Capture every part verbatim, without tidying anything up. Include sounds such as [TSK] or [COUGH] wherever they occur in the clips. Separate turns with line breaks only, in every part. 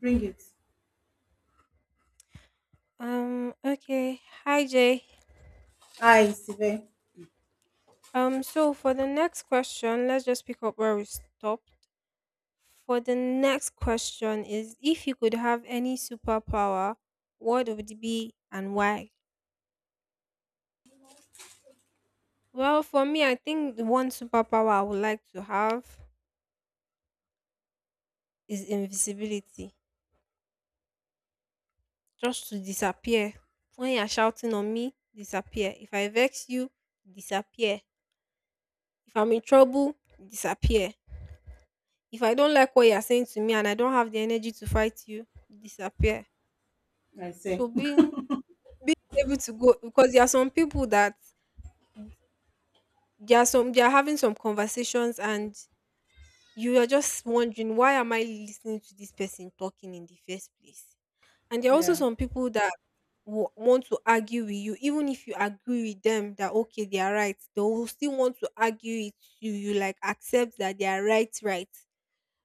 Bring it.
Um, okay. Hi, Jay.
I see.
Um, so for the next question, let's just pick up where we stopped. For the next question is if you could have any superpower, what would it be and why? Well, for me, I think the one superpower I would like to have is invisibility. Just to disappear. When you're shouting on me, disappear. If I vex you, disappear. If I'm in trouble, disappear. If I don't like what you are saying to me and I don't have the energy to fight you, disappear.
I
So
see. [LAUGHS]
being being able to go because there are some people that there are some they are having some conversations and you are just wondering, why am I listening to this person talking in the first place? And there are also
Yeah.
some people that w- want to argue with you, even if you agree with them that okay they are right, they will still want to argue with you. You like accept that they are right, right.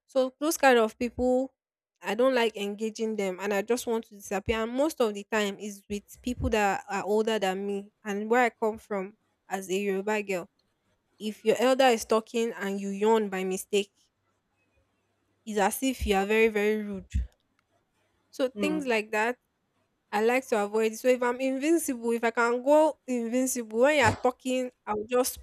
So those kind of people, I don't like engaging them, and I just want to disappear. And most of the time, is with people that are older than me, and where I come from as a Yoruba girl. If your elder is talking and you yawn by mistake, it's as if you are very very rude. So things
Hmm.
like that, I like to avoid. So if I'm invincible, if I can go invincible when you are talking, I'll just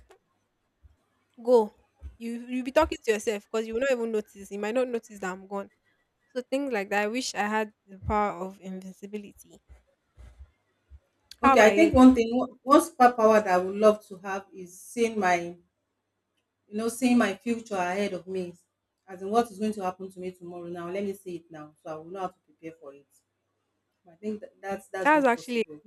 go. You you'll be talking to yourself because you will not even notice. You might not notice that I'm gone. So things like that. I wish I had the power of invincibility. How
Okay, I
about
think
you?
one thing, one one superpower that I would love to have is seeing my, you know, seeing my future ahead of me. As in what is going to happen to me tomorrow now. Let me see it now. So I will know how to prepare for it. I think that, that's that's
That's
not
actually
possible.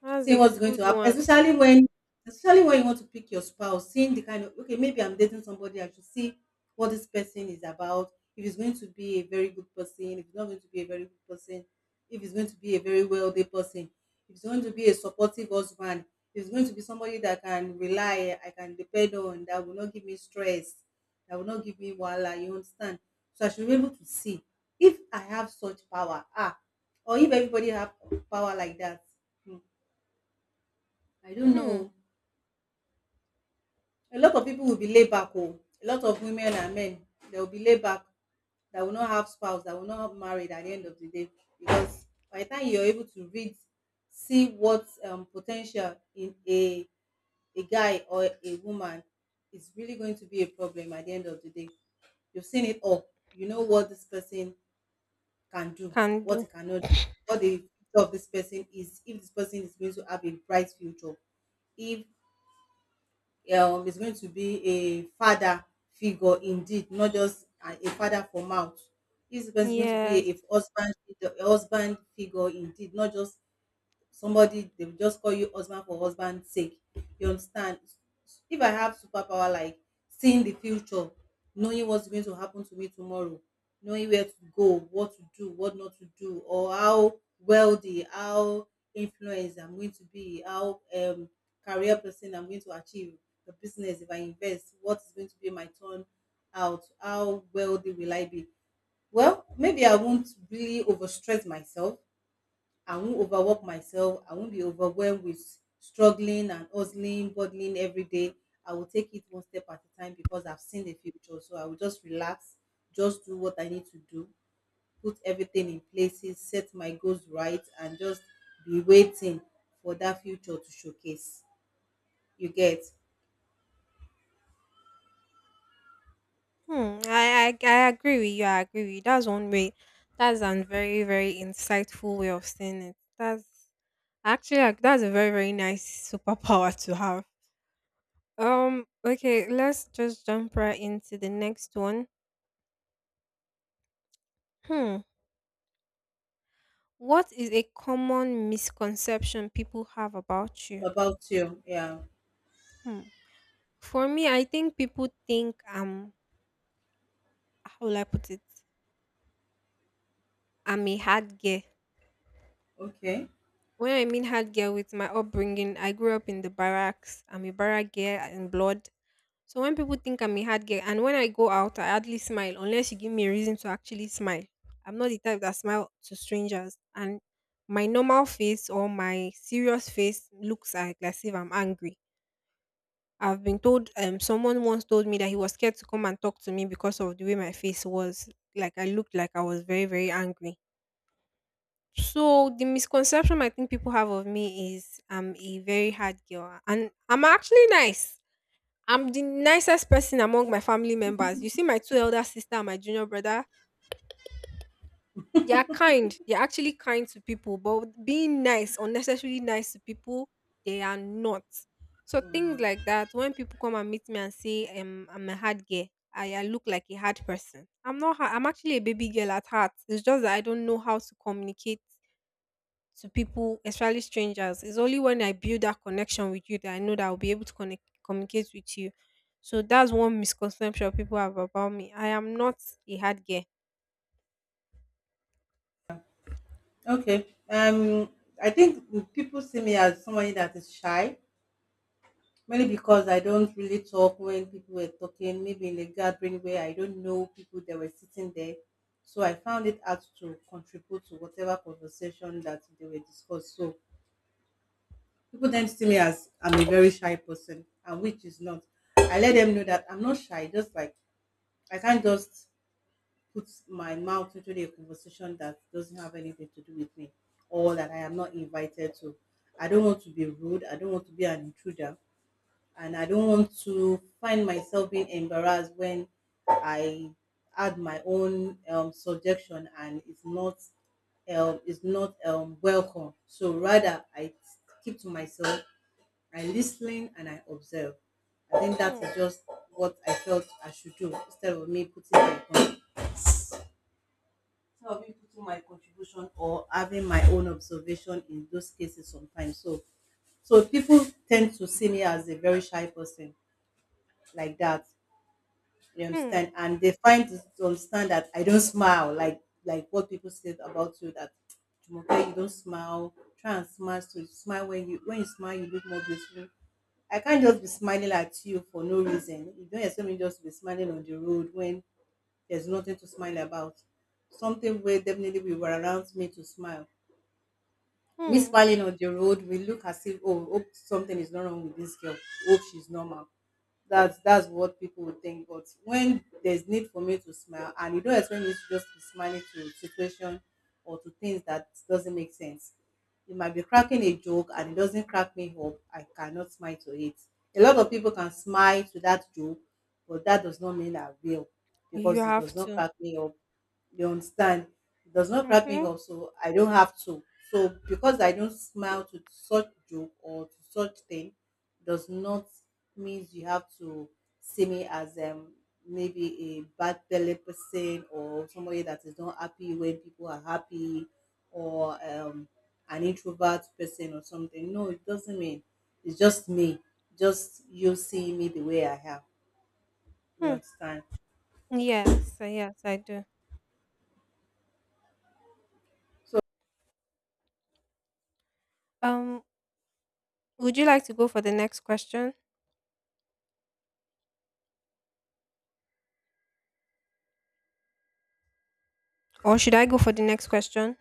that's
Seeing
a
what's going
good
to happen,
one.
especially when especially when you want to pick your spouse, seeing the kind of okay, maybe I'm dating somebody, I should see what this person is about, if he's going to be a very good person, if he's not going to be a very good person, if he's going to be a very wealthy person, if he's going to be a supportive husband, if he's going to be somebody that I can rely, I can depend on, that will not give me stress, that will not give me wahala, you understand? So I should be able to see if I have such power, ah, or if everybody have power like that. Hmm. I don't
Hmm.
know. A lot of people will be laid back. Oh. A lot of women and men, they will be laid back. That will not have spouse. That will not have married at the end of the day. Because by the time you're able to read, see what um, potential in a a guy or a woman is really going to be a problem at the end of the day. You've seen it all. You know what this person can do,
Can
what he
do.
cannot do, what the future of this person is, if this person is going to have a bright future, if um is going to be a father figure indeed, not just a a father for mouth. This person is going to be a a
Yes.
husband, a husband figure indeed, not just somebody they will just call you husband for husband's sake, you understand? If I have superpower like seeing the future, knowing what's going to happen to me tomorrow, knowing where to go, what to do, what not to do, or how wealthy, how influenced I'm going to be, how um career person I'm going to achieve the business, if I invest, what is going to be my turn out, how wealthy will I be? Well, maybe I won't really overstress myself. I won't overwork myself. I won't be overwhelmed with struggling and hustling, bottling every day. I will take it one step at a time because I've seen the future. So I will just relax, just do what I need to do, put everything in places, set my goals right, and just be waiting for that future to showcase. You get?
Hmm. I, I I agree with you. I agree with you. That's one way. That's a very very insightful way of saying it. That's actually like, that's a very very nice superpower to have. Um. Okay. Let's just jump right into the next one. Hmm. What is a common misconception people have about you?
About you, yeah.
Hmm, for me, I think people think I'm, how will I put it? I'm a hard girl.
Okay.
When I mean hard girl, with my upbringing, I grew up in the barracks. I'm a barrack girl in blood. So when people think I'm a hard girl, and when I go out, I hardly smile unless you give me a reason to actually smile. I'm not the type that smile to strangers, and my normal face or my serious face looks like as if I'm angry. I've been told, um someone once told me that he was scared to come and talk to me because of the way my face was. Like I looked like I was very, very angry. So the misconception I think people have of me is I'm a very hard girl. And I'm actually nice. I'm the nicest person among my family members. You see my two elder sister and my junior brother, they are kind. They're actually kind to people, but being nice, unnecessarily nice to people, they are not. So things
Mm.
like that, when people come and meet me and say, um, I'm a hard girl, I, I look like a hard person. I'm not ha- I'm actually a baby girl at heart. It's just that I don't know how to communicate to people, especially strangers. It's only when I build that connection with you that I know that I'll be able to connect communicate with you. So that's one misconception people have about me. I am not a hard girl.
Okay. Um, I think people see me as somebody that is shy. Mainly because I don't really talk when people were talking, maybe in a gathering where I don't know people that were sitting there. So I found it hard to contribute to whatever conversation that they were discussed. So people then see me as I'm a very shy person, and which is not. I let them know that I'm not shy, just like I can't just put my mouth into the conversation that doesn't have anything to do with me or that I am not invited to. I don't want to be rude, I don't want to be an intruder, and I don't want to find myself being embarrassed when I add my own um, subjection, and it's not um, it's not um, welcome. So rather, I keep to myself, I listen and I observe. I think that
Hmm.
is just what I felt I should do instead of me putting my con- instead of me putting my contribution or having my own observation in those cases sometimes. So so people tend to see me as a very shy person like that. You
Hmm.
understand? And they find to to understand that I don't smile, like like what people said about you, that Jumoke, you don't smile. Try and smile, so you smile, when you when you smile you look more beautiful. I can't just be smiling at you for no reason. You don't expect me just to be smiling on the road when there's nothing to smile about. Something where definitely will around me to smile, me
Hmm.
smiling on the road we look as if, oh, hope something is not wrong with this girl, hope she's normal. That's that's what people would think, but when there's need for me to smile, and you don't expect me to just be smiling to situation or to things that doesn't make sense. You might be cracking a joke and it doesn't crack me up, I cannot smile to it. A lot of people can smile to that joke, but that does not mean I will,
You
because it
have
does not
to.
crack me up. You understand? It does not crack me
Mm-hmm.
up, so I don't have to. So because I don't smile to such joke or to such thing, does not means you have to see me as um maybe a bad belly person or somebody that is not happy when people are happy, or um an introvert person or something. No, it doesn't mean. It's just me. Just you seeing me the way I am. You
Hmm.
understand?
Yes, uh, yes, I do.
So
Um, would you like to go for the next question, or should I go for the next question?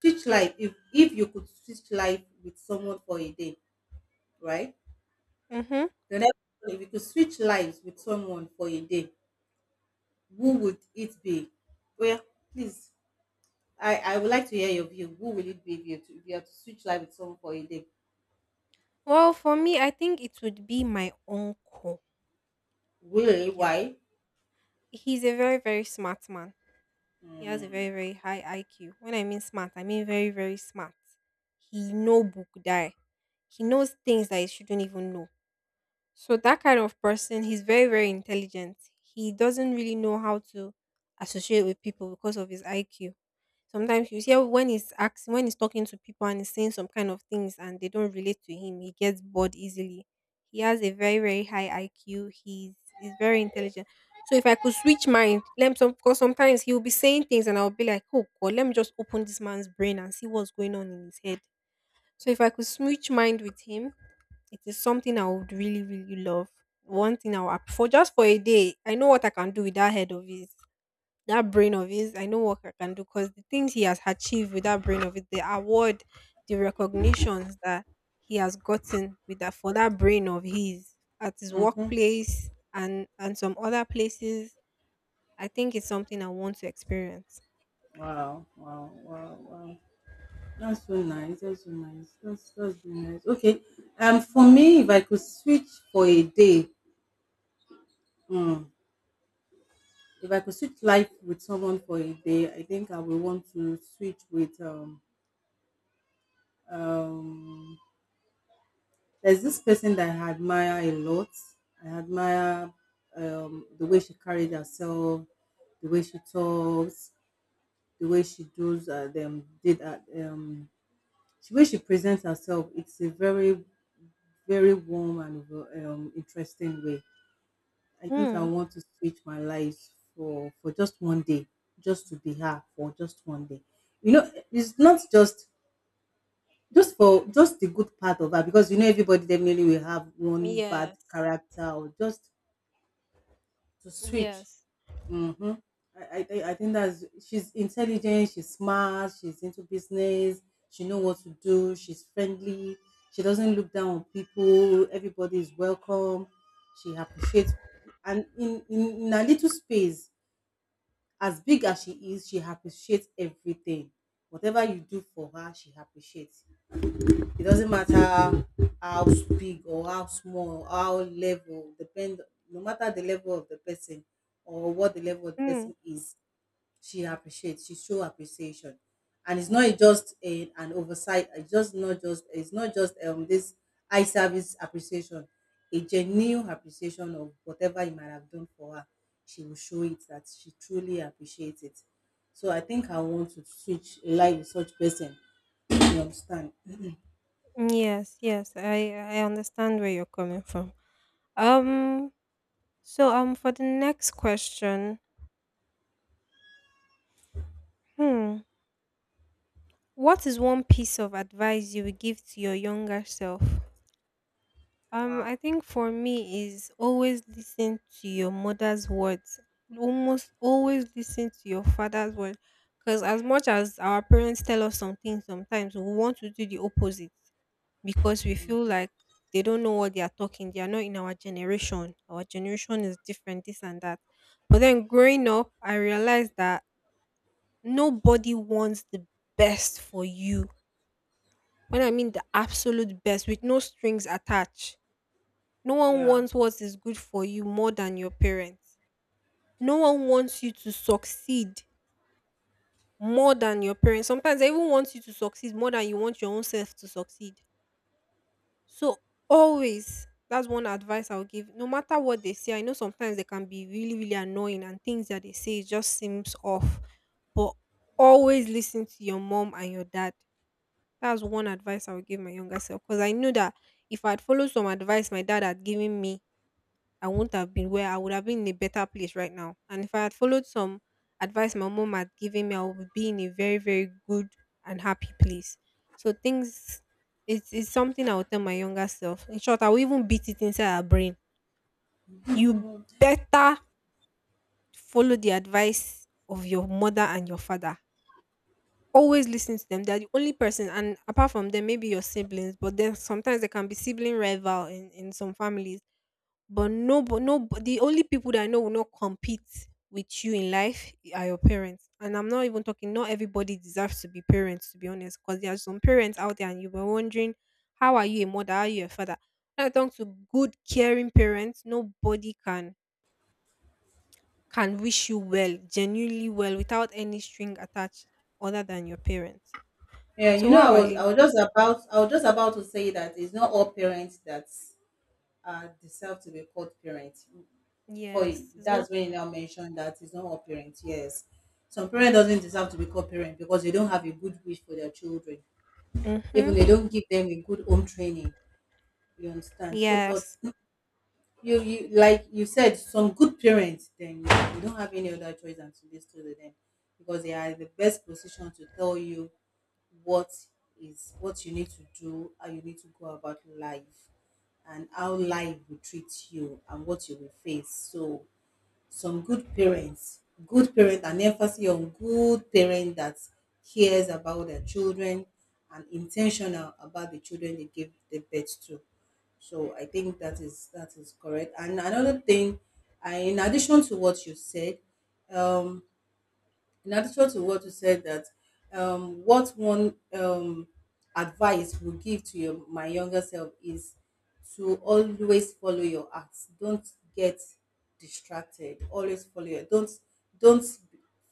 switch life. If if you could switch life with someone for a day, right?
Mm-hmm.
The next one, if you could switch lives with someone for a day, who would it be? Well, please, I, I would like to hear your view. Who will it be if you, to, if you have to switch life with someone for a day?
Well, for me, I think it would be my uncle.
Really?
Yes,
Why?
he's a very, very smart man. He has a very, very high I Q. When I mean smart, I mean very, very smart. He know book die. He knows things that he shouldn't even know. So that kind of person, he's very, very intelligent. He doesn't really know how to associate with people because of his I Q. Sometimes you hear when he's asking, when he's talking to people and he's saying some kind of things and they don't relate to him, he gets bored easily. He has a very, very high I Q. He's he's very intelligent. So if I could switch mind, let me some because sometimes he'll be saying things and I'll be like, oh God, let me just open this man's brain and see what's going on in his head. So if I could switch mind with him, it is something I would really, really love. One thing I'll app- For just for a day, I know what I can do with that head of his, that brain of his. I know what I can do because the things he has achieved with that brain of it, the award, the recognitions that he has gotten with that for that brain of his at his
Mm-hmm.
workplace and and some other places. I think it's something I want to experience.
Wow, wow, wow, wow. That's so nice. That's so nice. That's that's has nice. Okay. Um, for me, if I could switch for a day, mm, if I could switch life with someone for a day, I think I would want to switch with um um. There's this person that I admire a lot. I admire um, the way she carried herself, the way she talks, the way she does uh, them did uh, um, the way she presents herself. It's a very very warm and um, interesting way. I think I
Mm.
want to switch my life for for just one day, just to be her for just one day. You know, it's not just, just for just the good part of her, because you know everybody definitely will have one bad
Yes.
character or just to switch.
Yes.
Mm-hmm. I, I thi- I think that's she's intelligent, she's smart, she's into business, she know what to do, she's friendly, she doesn't look down on people, everybody is welcome, she appreciates, and in, in, in a little space, as big as she is, she appreciates everything. Whatever you do for her, she appreciates. It doesn't matter how big or how small, how level, depend, no matter the level of the person or what the level of the
Mm.
person is, she appreciates, she show appreciation. And it's not just a, an oversight, it's just not just it's not just um this eye service appreciation, a genuine appreciation of whatever you might have done for her. She will show it that she truly appreciates it. So I think I want to switch a life with such person. You understand?
Yes, yes, I I understand where you're coming from. Um, so um, for the next question, hmm, what is one piece of advice you would give to your younger self? Um, I
Wow.
think for me is always listen to your mother's words. Almost always listen to your father's word. Because as much as our parents tell us some things, sometimes we want to do the opposite because we feel like they don't know what they are talking. They are not in our generation. Our generation is different, this and that. But then growing up, I realized that nobody wants the best for you. When I mean the absolute best, with no strings attached, no one
Yeah.
wants what is good for you more than your parents. No one wants you to succeed more than your parents. Sometimes they even want you to succeed more than you want your own self to succeed. So always, that's one advice I'll give. No matter what they say, I know sometimes they can be really, really annoying and things that they say just seems off. But always listen to your mom and your dad. That's one advice I would give my younger self. Because I knew that if I'd followed some advice my dad had given me, I wouldn't have been where I would have been in a better place right now. And if I had followed some advice my mom had given me, I would be in a very, very good and happy place. So things it's it's something I would tell my younger self. In short, I will even beat it inside her brain. You better follow the advice of your mother and your father. Always listen to them. They're the only person, and apart from them, maybe your siblings, but then sometimes there can be sibling rival in, in some families. But no, but no, but the only people that I know will not compete with you in life are your parents. And I'm not even talking. Not everybody deserves to be parents, to be honest, because there are some parents out there, and you were wondering, how are you a mother? How are you a father? When I talk to good, caring parents, nobody can can wish you well, genuinely well, without any string attached, other than your parents.
Yeah, you
So
know,
what
I
about
was
you?
I was just about I was just about to say that it's not all parents that uh, deserve to be called parents. For
Yes, it's not.
that's when you now mentioned that it's not all parents. Yes, some parent doesn't deserve to be called parent because they don't have a good wish for their children. Even
Mhm.
they don't give them a good home training. You understand? So, but
Yes.
you you like you said some good parents, then you don't have any other choice than to listen to them, because they are in the best position to tell you what is what you need to do, how you need to go about life, and how life will treat you, and what you will face. So some good parents, good parent, and emphasis on good parent that cares about their children and intentional about the children they give the birth to. So I think that is that is correct. And another thing, I, in addition to what you said um in addition to what you said, that um, what one um, advice would give to your my younger self is to always follow your heart. Don't get distracted. Always follow your don't don't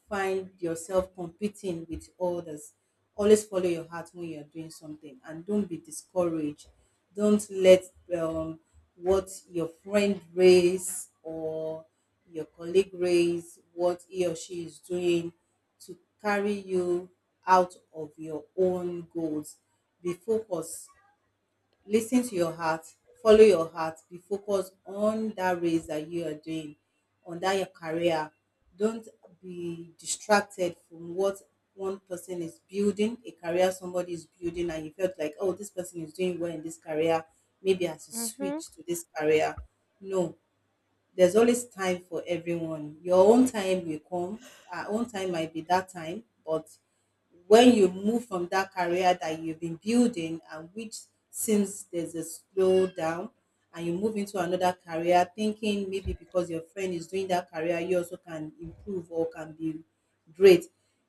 find yourself competing with others. Always follow your heart when you're doing something, and don't be discouraged. Don't let um, what your friend raise or your colleague raise, what he or she is doing, to carry you out of your own goals. Be focused. Listen to your heart, follow your heart, be focused on that race that you are doing, on that your career. Don't be distracted from what one person is building. A career somebody is building and you felt like, oh, this person is doing well in this career, maybe I should
Mhm.
switch to this career. No, there's always time for everyone. Your own time will come. Our own time might be that time, but when you move from that career that you've been building and which seems there's a slowdown, and you move into another career thinking maybe because your friend is doing that career you also can improve or can be great,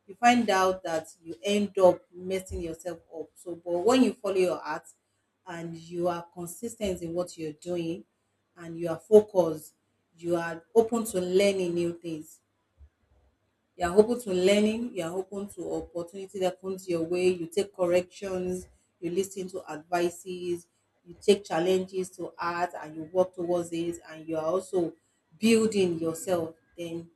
you find out that you end up messing yourself up. So but when you follow your heart and you are consistent in what you're doing and you are focused. You are open to learning new things. You are open to learning. You are open to opportunity that comes your way. You take corrections. You listen to advices. You take challenges to heart and you work towards it. And you are also building yourself. Then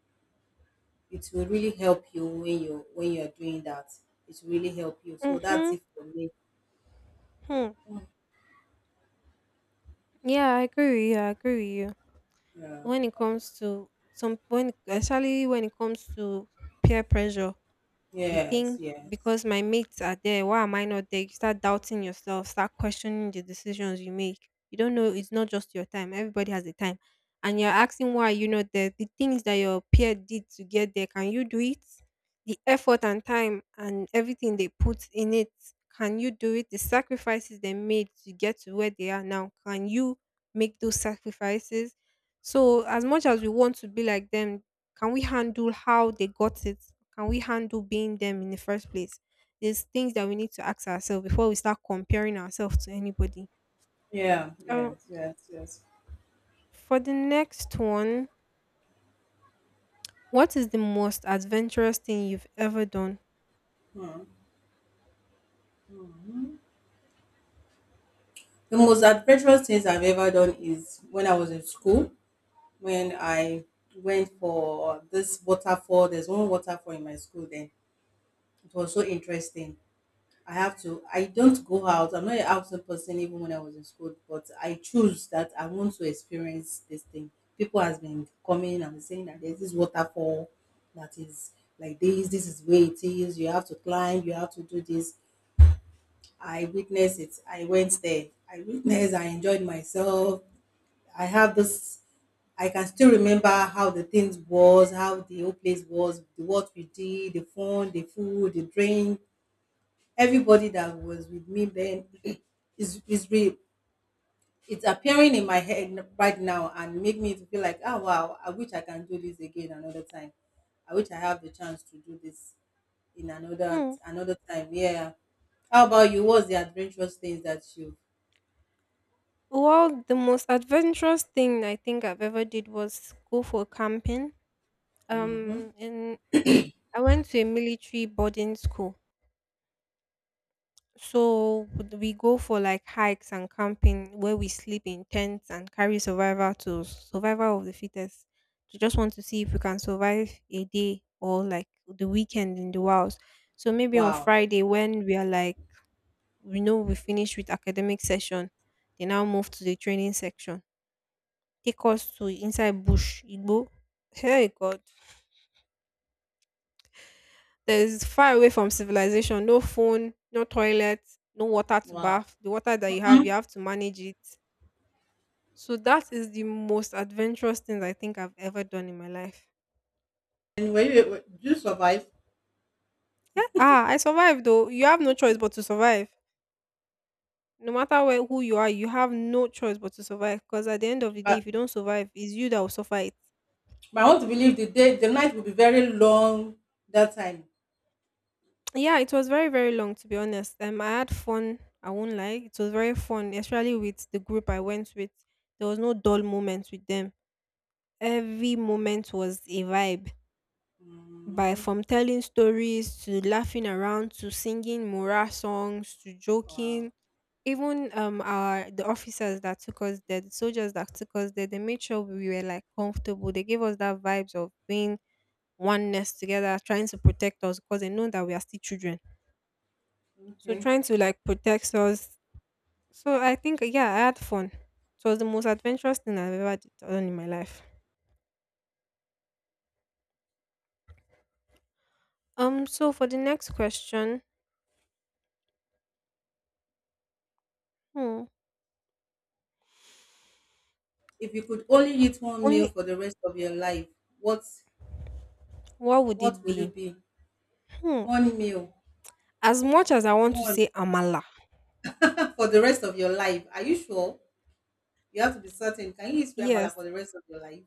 it will really help you when you when you are doing that. It will really help you. So that's
Mhm.
it for me.
Hmm. Yeah, I agree with you. I agree with you.
Yeah.
When it comes to some when especially when it comes to peer pressure, you
Yes.
think
Yes.
because my mates are there, why am I not there? You start doubting yourself, start questioning the decisions you make. You don't know it's not just your time. Everybody has a time. And you're asking why you know the the things that your peer did to get there, can you do it? The effort and time and everything they put in it, can you do it? The sacrifices they made to get to where they are now, can you make those sacrifices? So as much as we want to be like them, can we handle how they got it? Can we handle being them in the first place? There's things that we need to ask ourselves before we start comparing ourselves to anybody.
Yeah,
So,
yes, yes, yes.
for the next one, what is the most adventurous thing you've ever done?
The most adventurous things I've ever done is when I was in school, when I went for this waterfall. There's one waterfall in my school then. It was so interesting. I have to, I don't go out. I'm not an outside person even when I was in school, but I choose that I want to experience this thing. People has been coming and saying that there's this waterfall that is like this, this is where it is, you have to climb, you have to do this. I witnessed it. I went there. I witnessed, I enjoyed myself. I have this. I can still remember how the things was, how the whole place was, the what we did, the fun, the food, the drink. Everybody that was with me then [CLEARS THROAT] is is re, it's appearing in my head right now and make me to feel like, oh wow, I wish I can do this again another time. I wish I have the chance to do this in another
Hmm.
another time. Yeah. How about you? What's the adventurous things that you?
Well, the most adventurous thing I think I've ever did was go for camping. Um, and I went to a military boarding school. So we go for like hikes and camping where we sleep in tents and carry survival tools, survival of the fittest. We just want to see if we can survive a day or like the weekend in the wild. So maybe on
Wow,
Friday when we are like we know we finish with academic session, they now move to the training section. Take us to inside bush, Igbo. Hey God. There's far away from civilization, no phone, no toilet, no water to
wow.
bath. The water that you have, you
Mhm.
have to manage it. So that is the most adventurous thing I think I've ever done in my life.
And were you? Did you survive?
Ah, I survived though. You have no choice but to survive. No matter where, who you are, you have no choice but to survive. Because at the end of the day, if you don't survive, it's you that will suffer it.
But I want to believe the day the night will be very long that time.
Yeah, it was very, very long to be honest. Um, I had fun. I won't lie. It was very fun, especially with the group I went with. There was no dull moments with them. Every moment was a vibe, by
Mm,
from telling stories to laughing around to singing morale songs to
wow.
joking, even um our the officers that took us there, the soldiers that took us there, they made sure we were like comfortable. They gave us that vibes of being oneness together, trying to protect us because they know that we are still children, so
Okay.
trying to like protect us. So I think, yeah, I had fun. It was the most adventurous thing i've ever d- done in my life. Um so for the next question, hmm,
If you could only eat one meal
only
for the rest of your life, what
what would
what
it
will
be?
it be?
Hmm,
One meal.
As much as I want to
One.
say amala,
[LAUGHS] For the rest of your life. Are you sure? You have to be certain. Can you eat sweet amala for
yes.
the rest of your life?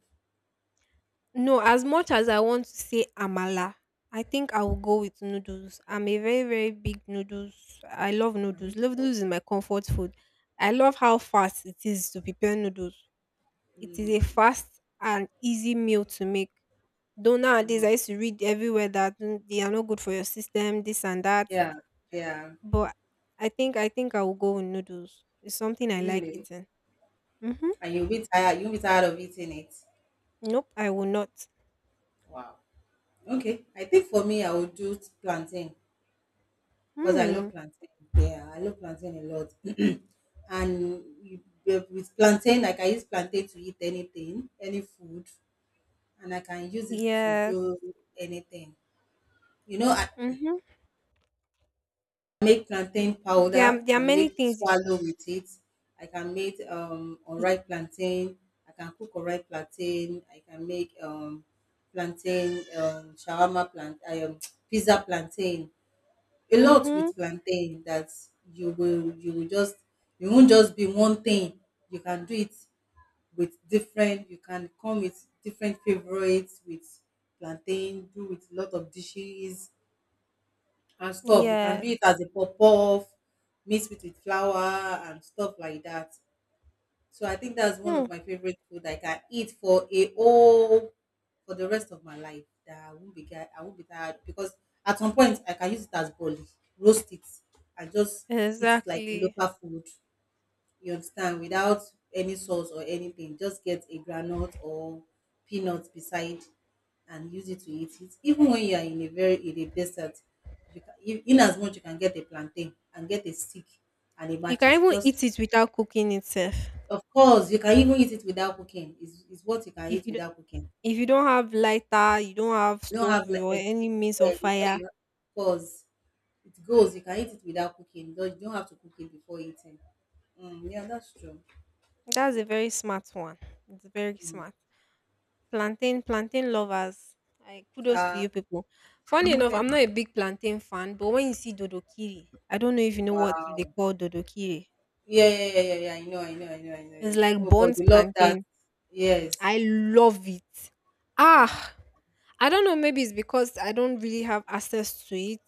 No, as much as I want to say amala, I think I will go with noodles. I'm a very, very big noodles. I love
Are
noodles.
you sure?
Noodles is my comfort food. I love how fast it is to prepare noodles. It is a fast and easy meal to make. Though nowadays I used to read everywhere that mm, they are not good for your system, this and that.
Yeah. Yeah.
But I think I think I will go with noodles. It's something I like
Really.
eating. Mm-hmm.
And you'll be tired. You'll be tired of eating it.
Nope, I will not.
Okay. I think for me I would do plantain, because I
Hmm.
love plantain. Yeah, I love plantain a lot. [CLEARS THROAT] And you, with with plantain, like, I can use plantain to eat anything, any food, and I can use it to do
Yes.
anything. You know, I [CLEARS THROAT]
Mhm.
make plantain
There
powder
are there are
and
many
make
things y
swallow with it. I can make um
y
unripe plantain. I can cook unripe plantain. I can make um plantain, um shawarma plant, um [TSK] pizza plantain, a lot with
mhm,
plantain. That you will, you will just, you won't just be one thing. You can do it with different, you can come with different favorites with plantain, do with a lot of dishes and stuff. You can do it
yes.
as a puff puff, mix it with flour and stuff like that. So I think that's one
Hmm,
of my favorite food I can eat for a whole, for the rest of my life. That I won't be get-, I won't be tired, because at some point I can use it as boli, roast it, and just eat it like a
exactly.
local food. You understand? Without any sauce or anything, just get a granite or peanuts beside and use it to eat it. Even when you are in a very, in a desert, you can, in as much you can get a plantain and get a stick and a
You can
matches.
even eat
Just
it without cooking itself.
of course, you can even eat it without cooking. It's, it's what you can
If
eat
you don
without cooking.
if you don't have lighter, you don't have
You don't have
stove
like
or any
excuse,
means of
eh, you know,
fire,
you have- because it goes. You can eat it without cooking. You don't, you don't have to cook it before eating. Mm, yeah, that's true.
that's a very smart one. It's very smart. Plantain plantain lovers, I kudos to
Uh,
you people. Funny
[LAUGHS]
enough,
thank-,
I'm not a big plantain fan, but when you see dodokiri, I don't know if you know what they
wow.
call dodokiri.
Yeah, yeah, yeah, yeah, yeah. I know, I know, I know, I know.
It's
Yeah.
like
Oh, but
burnt
you love that.
plantain.
Yes.
I love it.
Wow.
Ah, I don't know. Maybe it's because I don't really have access to it,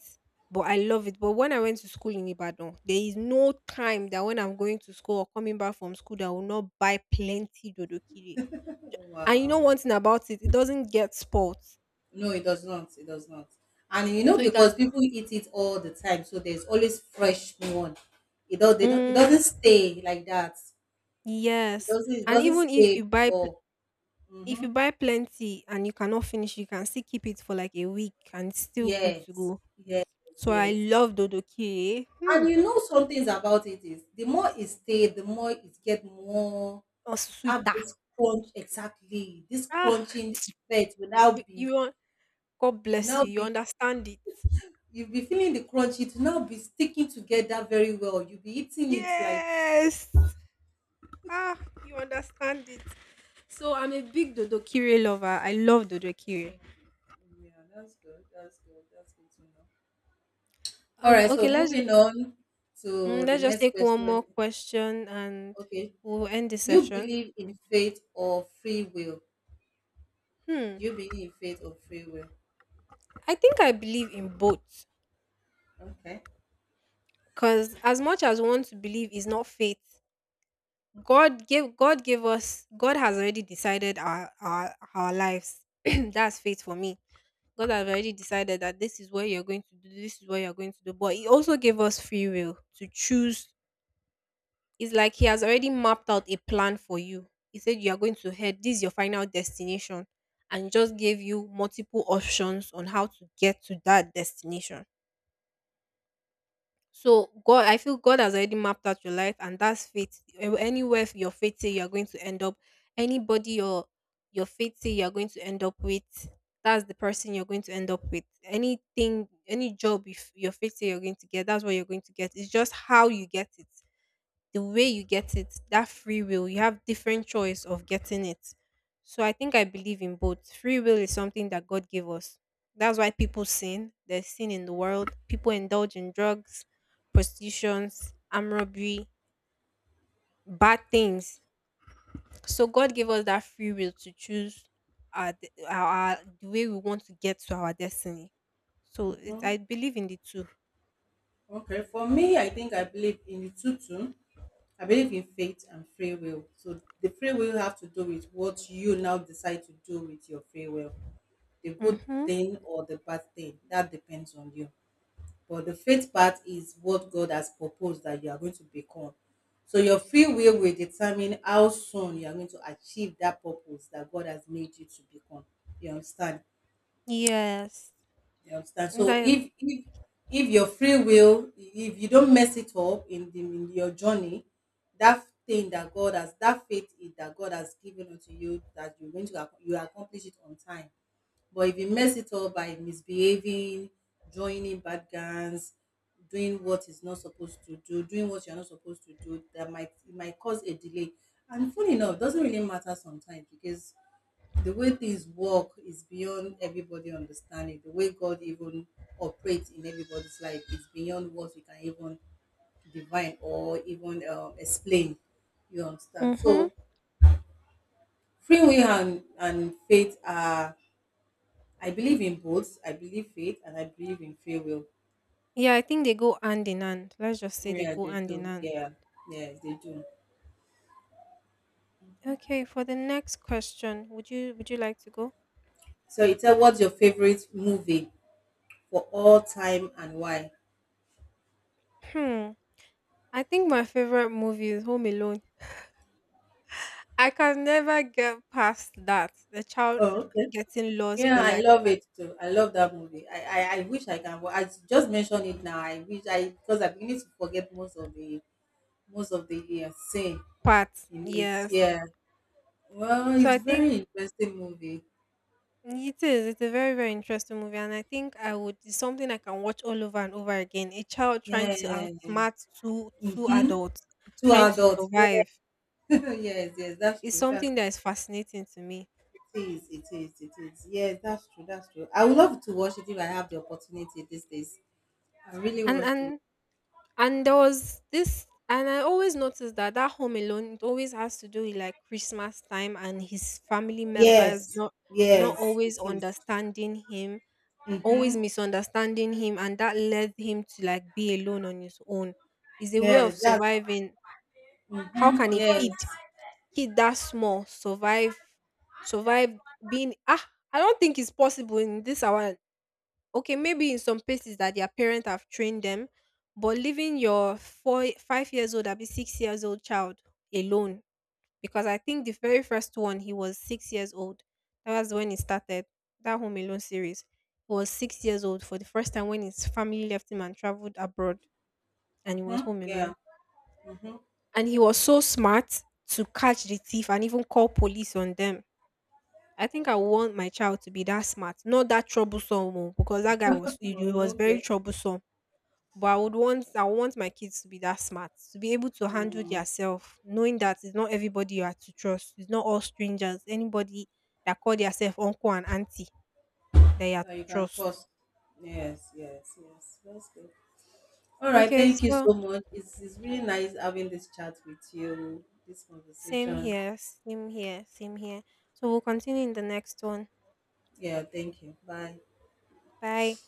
but I love it. But when I went to school in Ibadan, there is no time that when I'm going to school or coming back from school that I will not buy plenty dodokiri. And you know
Wow.
one thing about it, it doesn't get spoiled,
No, it does not. It does not. And you know,
so you can.
because people eat it all the time, so there's always fresh one. It does. They don't. It
Mm,
doesn't stay like that. It
yes,
doesn't it
and
doesn't
even if you
stay
buy pl-
before.
if
Hmm.
you buy plenty and you cannot finish, you can still keep it for like a week and it's still good to
Yes,
go.
yes,
So I
yes.
love dodokiri. Hmm.
And you know some things about it is the more it stay, the more it get more.
Or
It have
sweeter.
this crunch exactly. This
Ah,
crunching
[TSK]
effect will
you
now be,
you un- God
you
bless
now
you. You
be,
understand it.
you'll be feeling the crunch. It will now be sticking together very well. You'll be eating it like.
Yes. Ah, you understand it. So I'm a big dodokiri lover. I love dodokiri.
Mm, yeah, that's good. That's good. That's good to know. All
Um.
right.
Okay.
So
Let's,
moving on
mm,
to the
let's just
next
take one
question.
more question and
Okay.
we'll end the
Do you
session.
believe in faith or free will?
Hmm.
Do you believe in faith or free will?
I think I believe in both.
Okay.
Cause as much as one to believe is not faith, God gave God gave us. God has already decided our our, our lives. [CLEARS THROAT] That's faith for me. God has already decided that this is what you're going to do, this is what you're going to do. But He also gave us free will to choose. It's like He has already mapped out a plan for you. He said you are going to head, this is your final destination, and just gave you multiple options on how to get to that destination. So God, I feel God has already mapped out your life, and that's faith. A- Anywhere your faith say you're going to end up, anybody your your faith say you're going to end up with, that's the person you're going to end up with. Anything, any job, if your faith say you're going to get, that's what you're going to get. It's just how you get it the way you get it, that free will, you have different choice of getting it. So I think I believe in both. Free will is something that God gave us. That's why people sin. There's sin in the world. People indulge in drugs, prostitutions, armed robbery, bad things. So God gave us that free will to choose our, de- our, our the way we want to get to our destiny. So it,
Mm-hmm.
I believe in the two.
Okay. For me, I think I believe in the two two. I believe in faith and free will. So the free will have to do with what you now decide to do with your free will, the good
Mm-hmm.
thing or the bad thing. That depends on you. But the faith part is what God has proposed that you are going to become. So your free will will determine how soon you are going to achieve that purpose that God has made you to become. You understand?
Yes.
You understand? So
That's.
if if if your free will, if you don't mess it up in the in your journey, that thing that God has, that faith i-, that God has given unto you that you're going to ac-, you accomplish it on time, but if you mess it up by misbehaving, joining bad gangs, doing what is not supposed to do, doing what you're not supposed to do, that might, it might cause a delay. And funny enough, it doesn't really matter sometimes, because the way things work is beyond everybody understanding. The way God even operates in everybody's life is beyond what we can even divine or even um, explain. You understand?
Mm-hmm.
So free will and, and faith are, I believe in both. I believe faith and I believe in free will.
Yeah, I think they go hand in hand. Let's just say they
Yeah,
go
they
hand in
do.
hand.
Yeah, yeah, they do.
Okay, for the next question, would you would you like to go?
So, you tell, what's your favorite movie for all time and why?
Hmm. I think my favorite movie is Home Alone. I can never get past that. The child l-
Oh, okay.
getting lost,
Yeah,
but
I
like
love
fi-
it too. I love that movie. I, I, I wish I can. I just mentioned it now. I wish I, because I'm beginning to forget most of the, most of the uh, scene
part.
in it.
Yes.
Yeah. Well,
So
it's
I think
very interesting movie.
it is. It's a very very interesting movie, and I think I would. It's something I can watch all over and over again. A child trying to
Yeah,
outsmart two two adults,
two
trying to
adults.
survive.
[LAUGHS] Yes, yes, that's
It's
true. That's.
something that is fascinating to me.
It is, it is, it is. Yes, that's true, that's true. I would love to watch it if I have the opportunity these days. I really
and
want to.
and And there was this, and I always noticed that that Home Alone it always has to do with like Christmas time and his family members
Yes,
not, not
yes, it
always
is.
understanding him, always
Mm-hmm.
misunderstanding him, and that led him to like be alone on his own. Is a way of
Yes, that's,
surviving. How can
mm-hmm.
a
Yes.
kid kid that small survive survive being ah? I don't think it's possible in this our, okay, maybe in some places that their parents have trained them, but leaving your four, five years old, be six years old child alone, because I think the very first one, he was six years old. That was when he started that Home Alone series. He was six years old for the first time when his family left him and traveled abroad, and he
Mm-hmm.
was home
Yeah.
alone.
Mm-hmm.
And he was so smart to catch the thief and even call police on them. I think I want my child to be that smart, not that troublesome, oh, because that guy was he he
Well,
was
okay.
very troublesome. But I would want I would want my kids to be that smart, to be able to handle
Mm,
yourself, knowing that it's not everybody you are to trust. It's not all strangers. Anybody that call yourself uncle and auntie that you are
that
to
you can
trust.
trust. Yes, yes, yes. That's good. All right.
Okay,
Thank you
so
so much. It's, it's really nice having this chat with you, this
same
conversation.
here, same here, same here. So we'll continue in the next one.
Yeah, thank you. Bye.
Bye.